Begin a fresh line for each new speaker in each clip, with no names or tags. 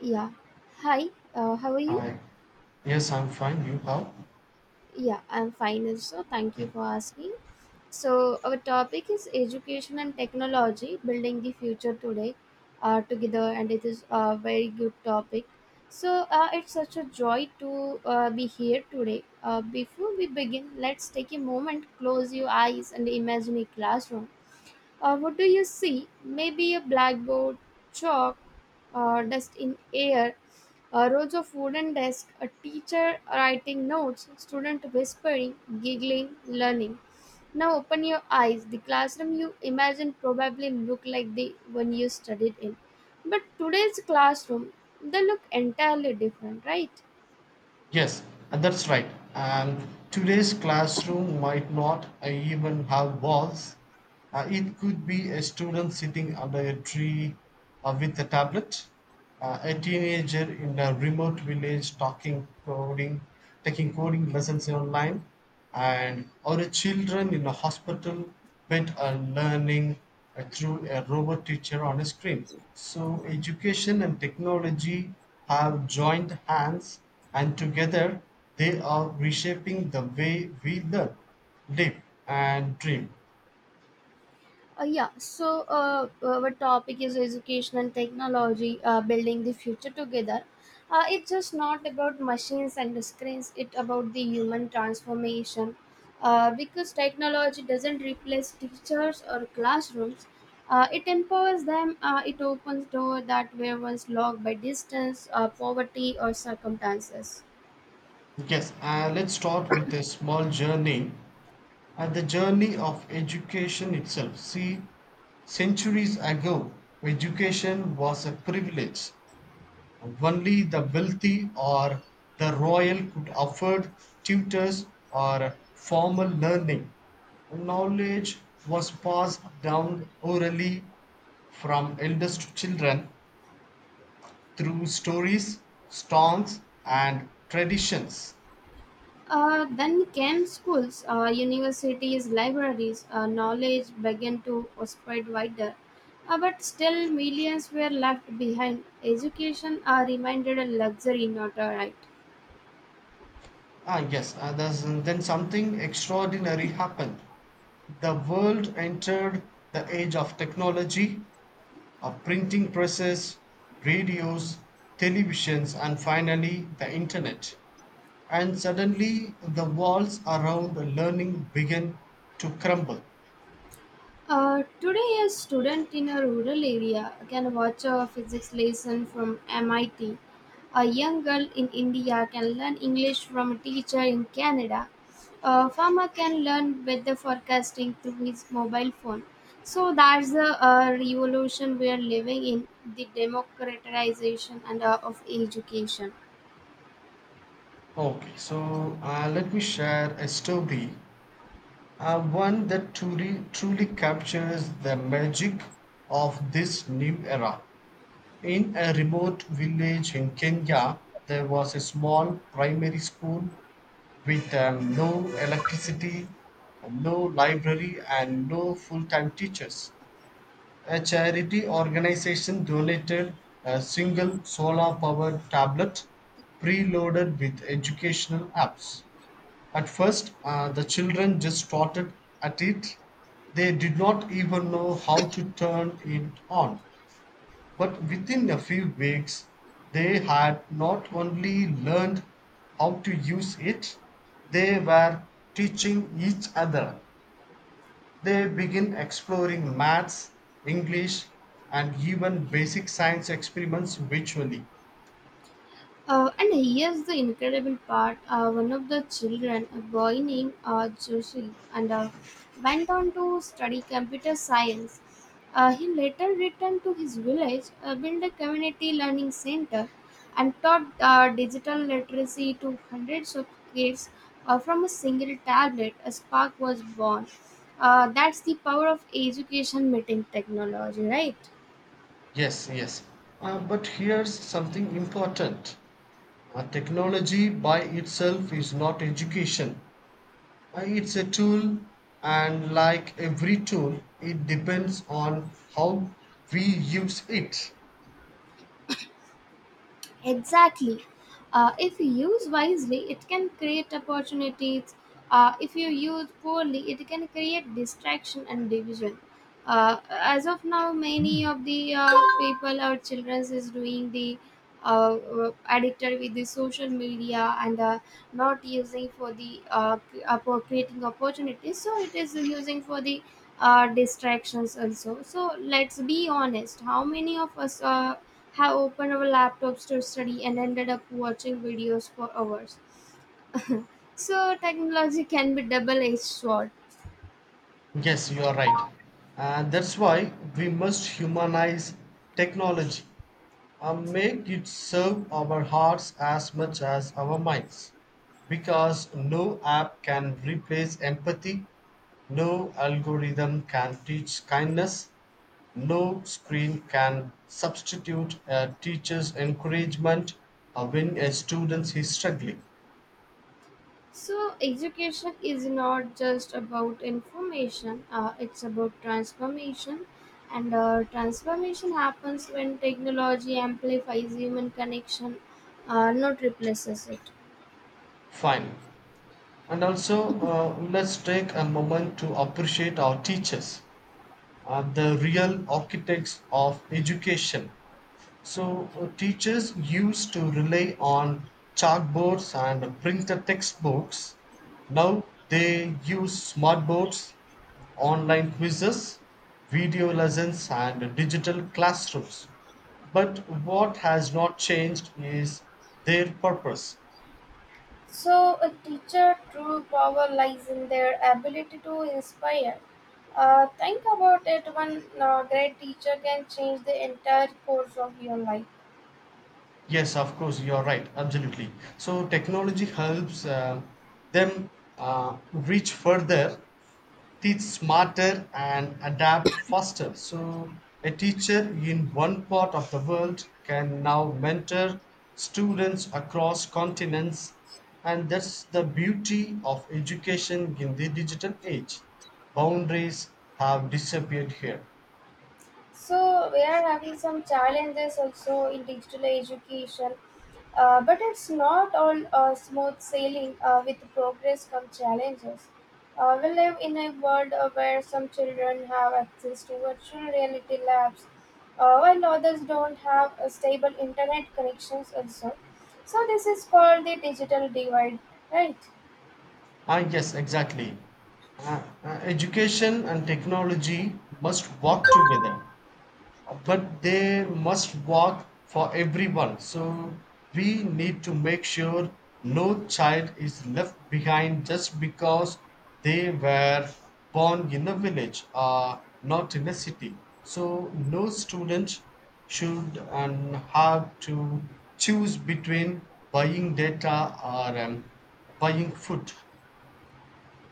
Yeah. Hi. How are you?
Hi. Yes, I'm fine. You how?
Yeah, I'm fine. Also, thank you for asking. So our topic is education and technology, building the future today, together, and it is a very good topic. It's such a joy to be here today. Before we begin, let's take a moment, close your eyes, and imagine a classroom. What do you see? Maybe a blackboard, chalk, dust in air, rows of wooden desks, a teacher writing notes, student whispering, giggling, learning. Now open your eyes. The classroom you imagine probably look like the one you studied in. But today's classroom, they look entirely different, right?
Yes, and that's right. And today's classroom might not even have walls. It could be a student sitting under a tree with a tablet, a teenager in a remote village talking coding, taking coding lessons online, and or a children in a hospital pet are learning through a robot teacher on a screen. So education and technology have joined hands, and together they are reshaping the way we learn, live, and dream.
Our topic is education and technology, building the future together. It's just not about machines and screens, it's about the human transformation. Because technology doesn't replace teachers or classrooms, it empowers them, it opens doors that were once locked by distance, poverty, or circumstances.
Yes. Let's start with a small journey, and the journey of education itself. See, centuries ago, education was a privilege. Only the wealthy or the royal could afford tutors or formal learning. Knowledge was passed down orally from elders to children through stories, songs, and traditions.
Then came schools, universities, libraries, knowledge began to spread wider. But still, millions were left behind. Education remained a luxury, not a right.
Ah, yes, and then something extraordinary happened. The world entered the age of technology, of printing presses, radios, televisions, and finally the internet. And suddenly the walls around learning begin to crumble.
Today, a student in a rural area can watch a physics lesson from MIT. A young girl in India can learn English from a teacher in Canada. A farmer can learn weather forecasting through his mobile phone. So that's the revolution we are living in, the democratization and of education.
Okay, so let me share a story, one that truly captures the magic of this new era. In a remote village in Kenya, there was a small primary school with no electricity, no library, and no full time teachers. A charity organization donated a single solar powered tablet preloaded with educational apps. At first, the children just started at it. They did not even know how to turn it on. But within a few weeks they had not only learned how to use it, they were teaching each other. They begin exploring maths, English, and even basic science experiments virtually.
And here's the incredible part: one of the children, a boy named Joshi, and went on to study computer science. He later returned to his village, built a community learning center, and taught digital literacy to hundreds of kids from a single tablet. A spark was born. That's the power of education meeting technology, right?
Yes, yes. But here's something important. Technology by itself is not education. It's a tool, and like every tool, it depends on how we use it.
Exactly. If you use wisely, it can create opportunities. If you use poorly, it can create distraction and division. As of now, many of the people or children is doing the addicted with the social media and not using for the for creating opportunities. So it is using for the distractions also. So let's be honest. How many of us have opened our laptops to study and ended up watching videos for hours. So technology can be double-edged sword.
Yes, you are right. And that's why we must humanize technology, and make it serve our hearts as much as our minds, because no app can replace empathy, no algorithm can teach kindness, no screen can substitute a teacher's encouragement when a student is struggling.
So education is not just about information; it's about transformation, and transformation happens when technology amplifies human connection, not replaces it.
Fine. And also, let's take a moment to appreciate our teachers, the real architects of education. So teachers used to rely on chalkboards and printed textbooks. Now they use smartboards, online quizzes, video lessons, and digital classrooms. But what has not changed is their purpose.
So, a teacher' true power lies in their ability to inspire. Think about it. One great teacher can change the entire course of your life.
Yes, of course, you're right. Absolutely. So technology helps them reach further, teach smarter, and adapt faster. So a teacher in one part of the world can now mentor students across continents, and that's the beauty of education in the digital age. Boundaries have disappeared here.
So we are having some challenges also in digital education. But it's not all smooth sailing. With progress come challenges. We live in a world where some children have access to virtual reality labs while others don't have stable internet connections also. So this is called the digital divide, right?
Ah, yes, exactly. Education and technology must work together, but they must work for everyone. So we need to make sure no child is left behind just because they were born in a village or not in a city. So no student should and have to choose between buying data or buying food.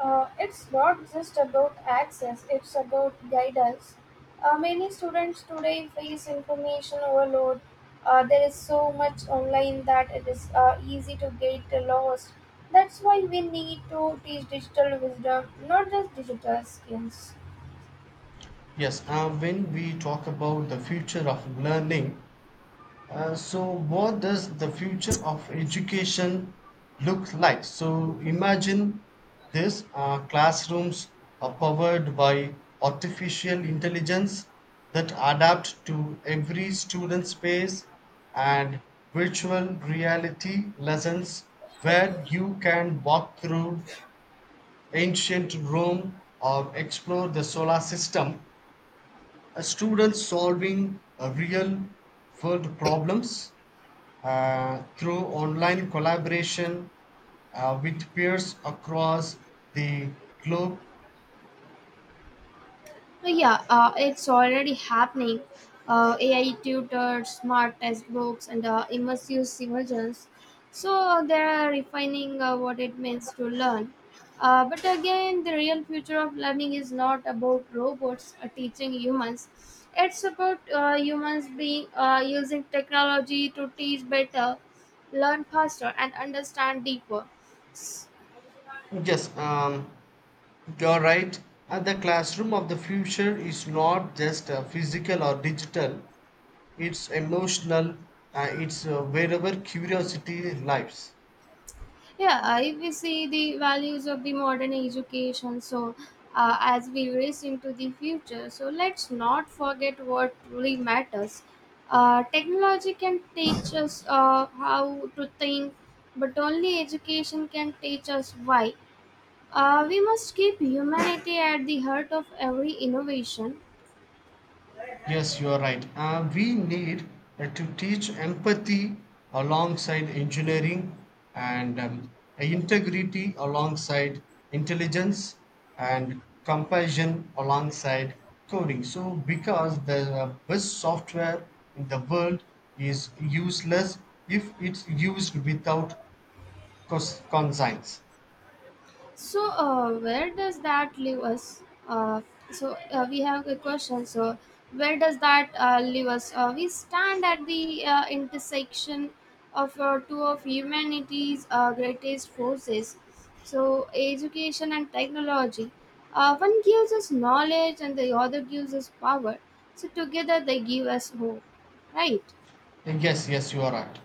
It's not just about access, it's about guidance. Many students today face information overload. There is so much online that it is easy to get lost. That's why we need to teach digital wisdom, not just digital skills.
Yes. When we talk about the future of learning, so what does the future of education look like? So imagine this. Classrooms are powered by artificial intelligence that adapt to every student's pace, and virtual reality lessons where you can walk through ancient Rome or explore the solar system, a student solving a real world problems through online collaboration with peers across the globe.
So, yeah, it's already happening. AI tutors, smart textbooks, and immersive simulations. So they are refining what it means to learn. But again, the real future of learning is not about robots teaching humans. It's about humans being using technology to teach better, learn faster, and understand deeper.
Yes, you're right. And the classroom of the future is not just physical or digital, it's emotional, it's wherever curiosity lives.
Yeah, if we see the values of the modern education, so as we race into the future, so let's not forget what truly matters. Technology can teach us how to think, but only education can teach us why. We must keep humanity at the heart of every innovation.
Yes, you are right. We need to teach empathy alongside engineering, and integrity alongside intelligence, and compassion alongside coding. So, because the best software in the world is useless if it's used without conscience.
So, where does that leave us? Uh, we have a question. So, where does that leave us? We stand at the intersection of two of humanity's greatest forces. So, education and technology. One gives us knowledge, and the other gives us power. So, together they give us hope, right?
Yes, yes, you are right.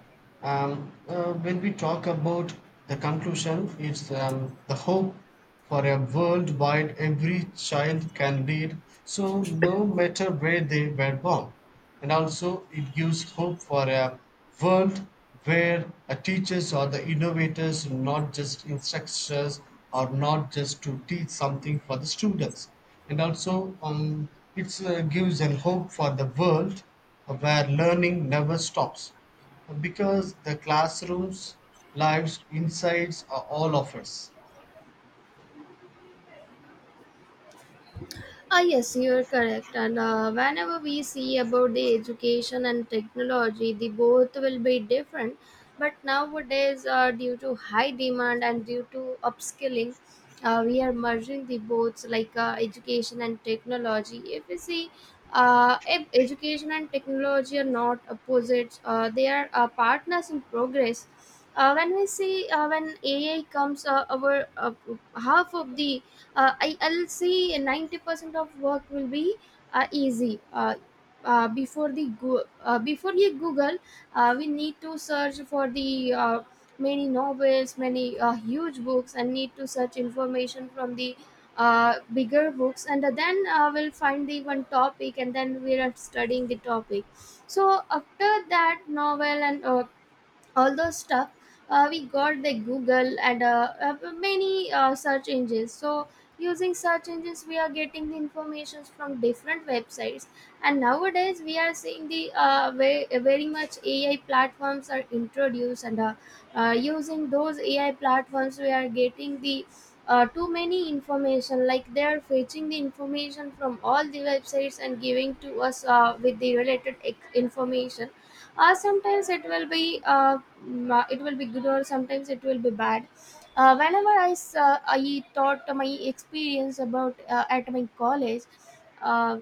When we talk about the conclusion, it's the hope for a world wide every child can read, so no matter where they were born. And also, it gives hope for a world where teachers are the innovators, not just instructors, or not just to teach something for the students. And also, it gives an hope for the world where learning never stops, because the classrooms, lives, insights are all of us.
Ah, yes, you're correct. And whenever we see about the education and technology, the both will be different. But nowadays, due to high demand and due to upskilling, we are merging the both like education and technology. If we see, if education and technology are not opposites, they are partners in progress. When we see when AI comes, our half of the uh, I'll say 90% of work will be easy uh, before you google, we need to search for the many novels, many huge books and need to search information from the bigger books, and then we'll find the one topic and then we are studying the topic. So after that novel and all those stuff, we got the google and many search engines. So using search engines we are getting the informations from different websites, and nowadays we are seeing the very, very much ai platforms are introduced, and using those ai platforms we are getting the too many information, like they are fetching the information from all the websites and giving to us with the related information. Sometimes it will be it will be good, or sometimes it will be bad. Whenever I thought my experience about at my college, uh,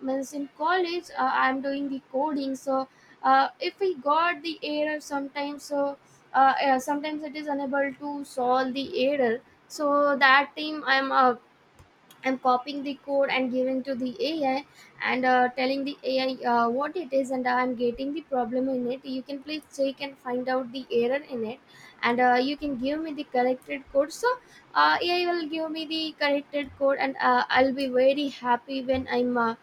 means in college, I'm doing the coding. So if we got the error sometimes, so sometimes it is unable to solve the error. So that time I'm copying the code and giving to the AI, and telling the AI what it is, and I'm getting the problem in it. You can please check and find out the error in it, and you can give me the corrected code. So AI will give me the corrected code, and I'll be very happy when I'm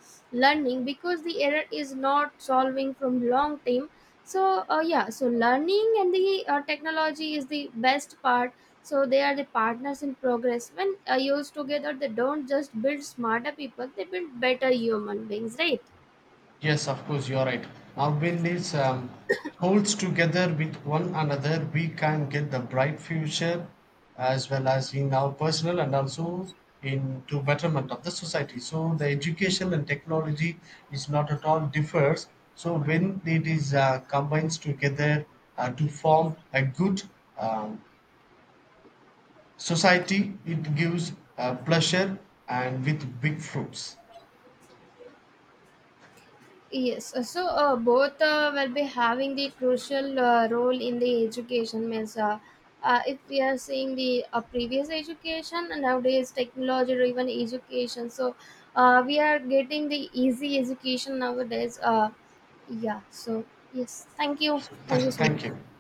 learning, because the error is not solving from long time. So yeah, so learning and the technology is the best part, so they are the partners in progress. When used together, they don't just build smarter people; they build better human beings, right?
Yes, of course, you are right. Now, when this holds together with one another, we can get the bright future as well as in our personal and also in into betterment of the society. So, the education and technology is not at all differs. So, when it is combined together to form a good um, society, it gives pleasure and with big fruits.
Yes. So both will be having the crucial role in the education. Means, if we are seeing the previous education and nowadays technology driven education, so we are getting the easy education nowadays. Yeah. So yes. Thank you.
So,
Thank you so
thank you.
much.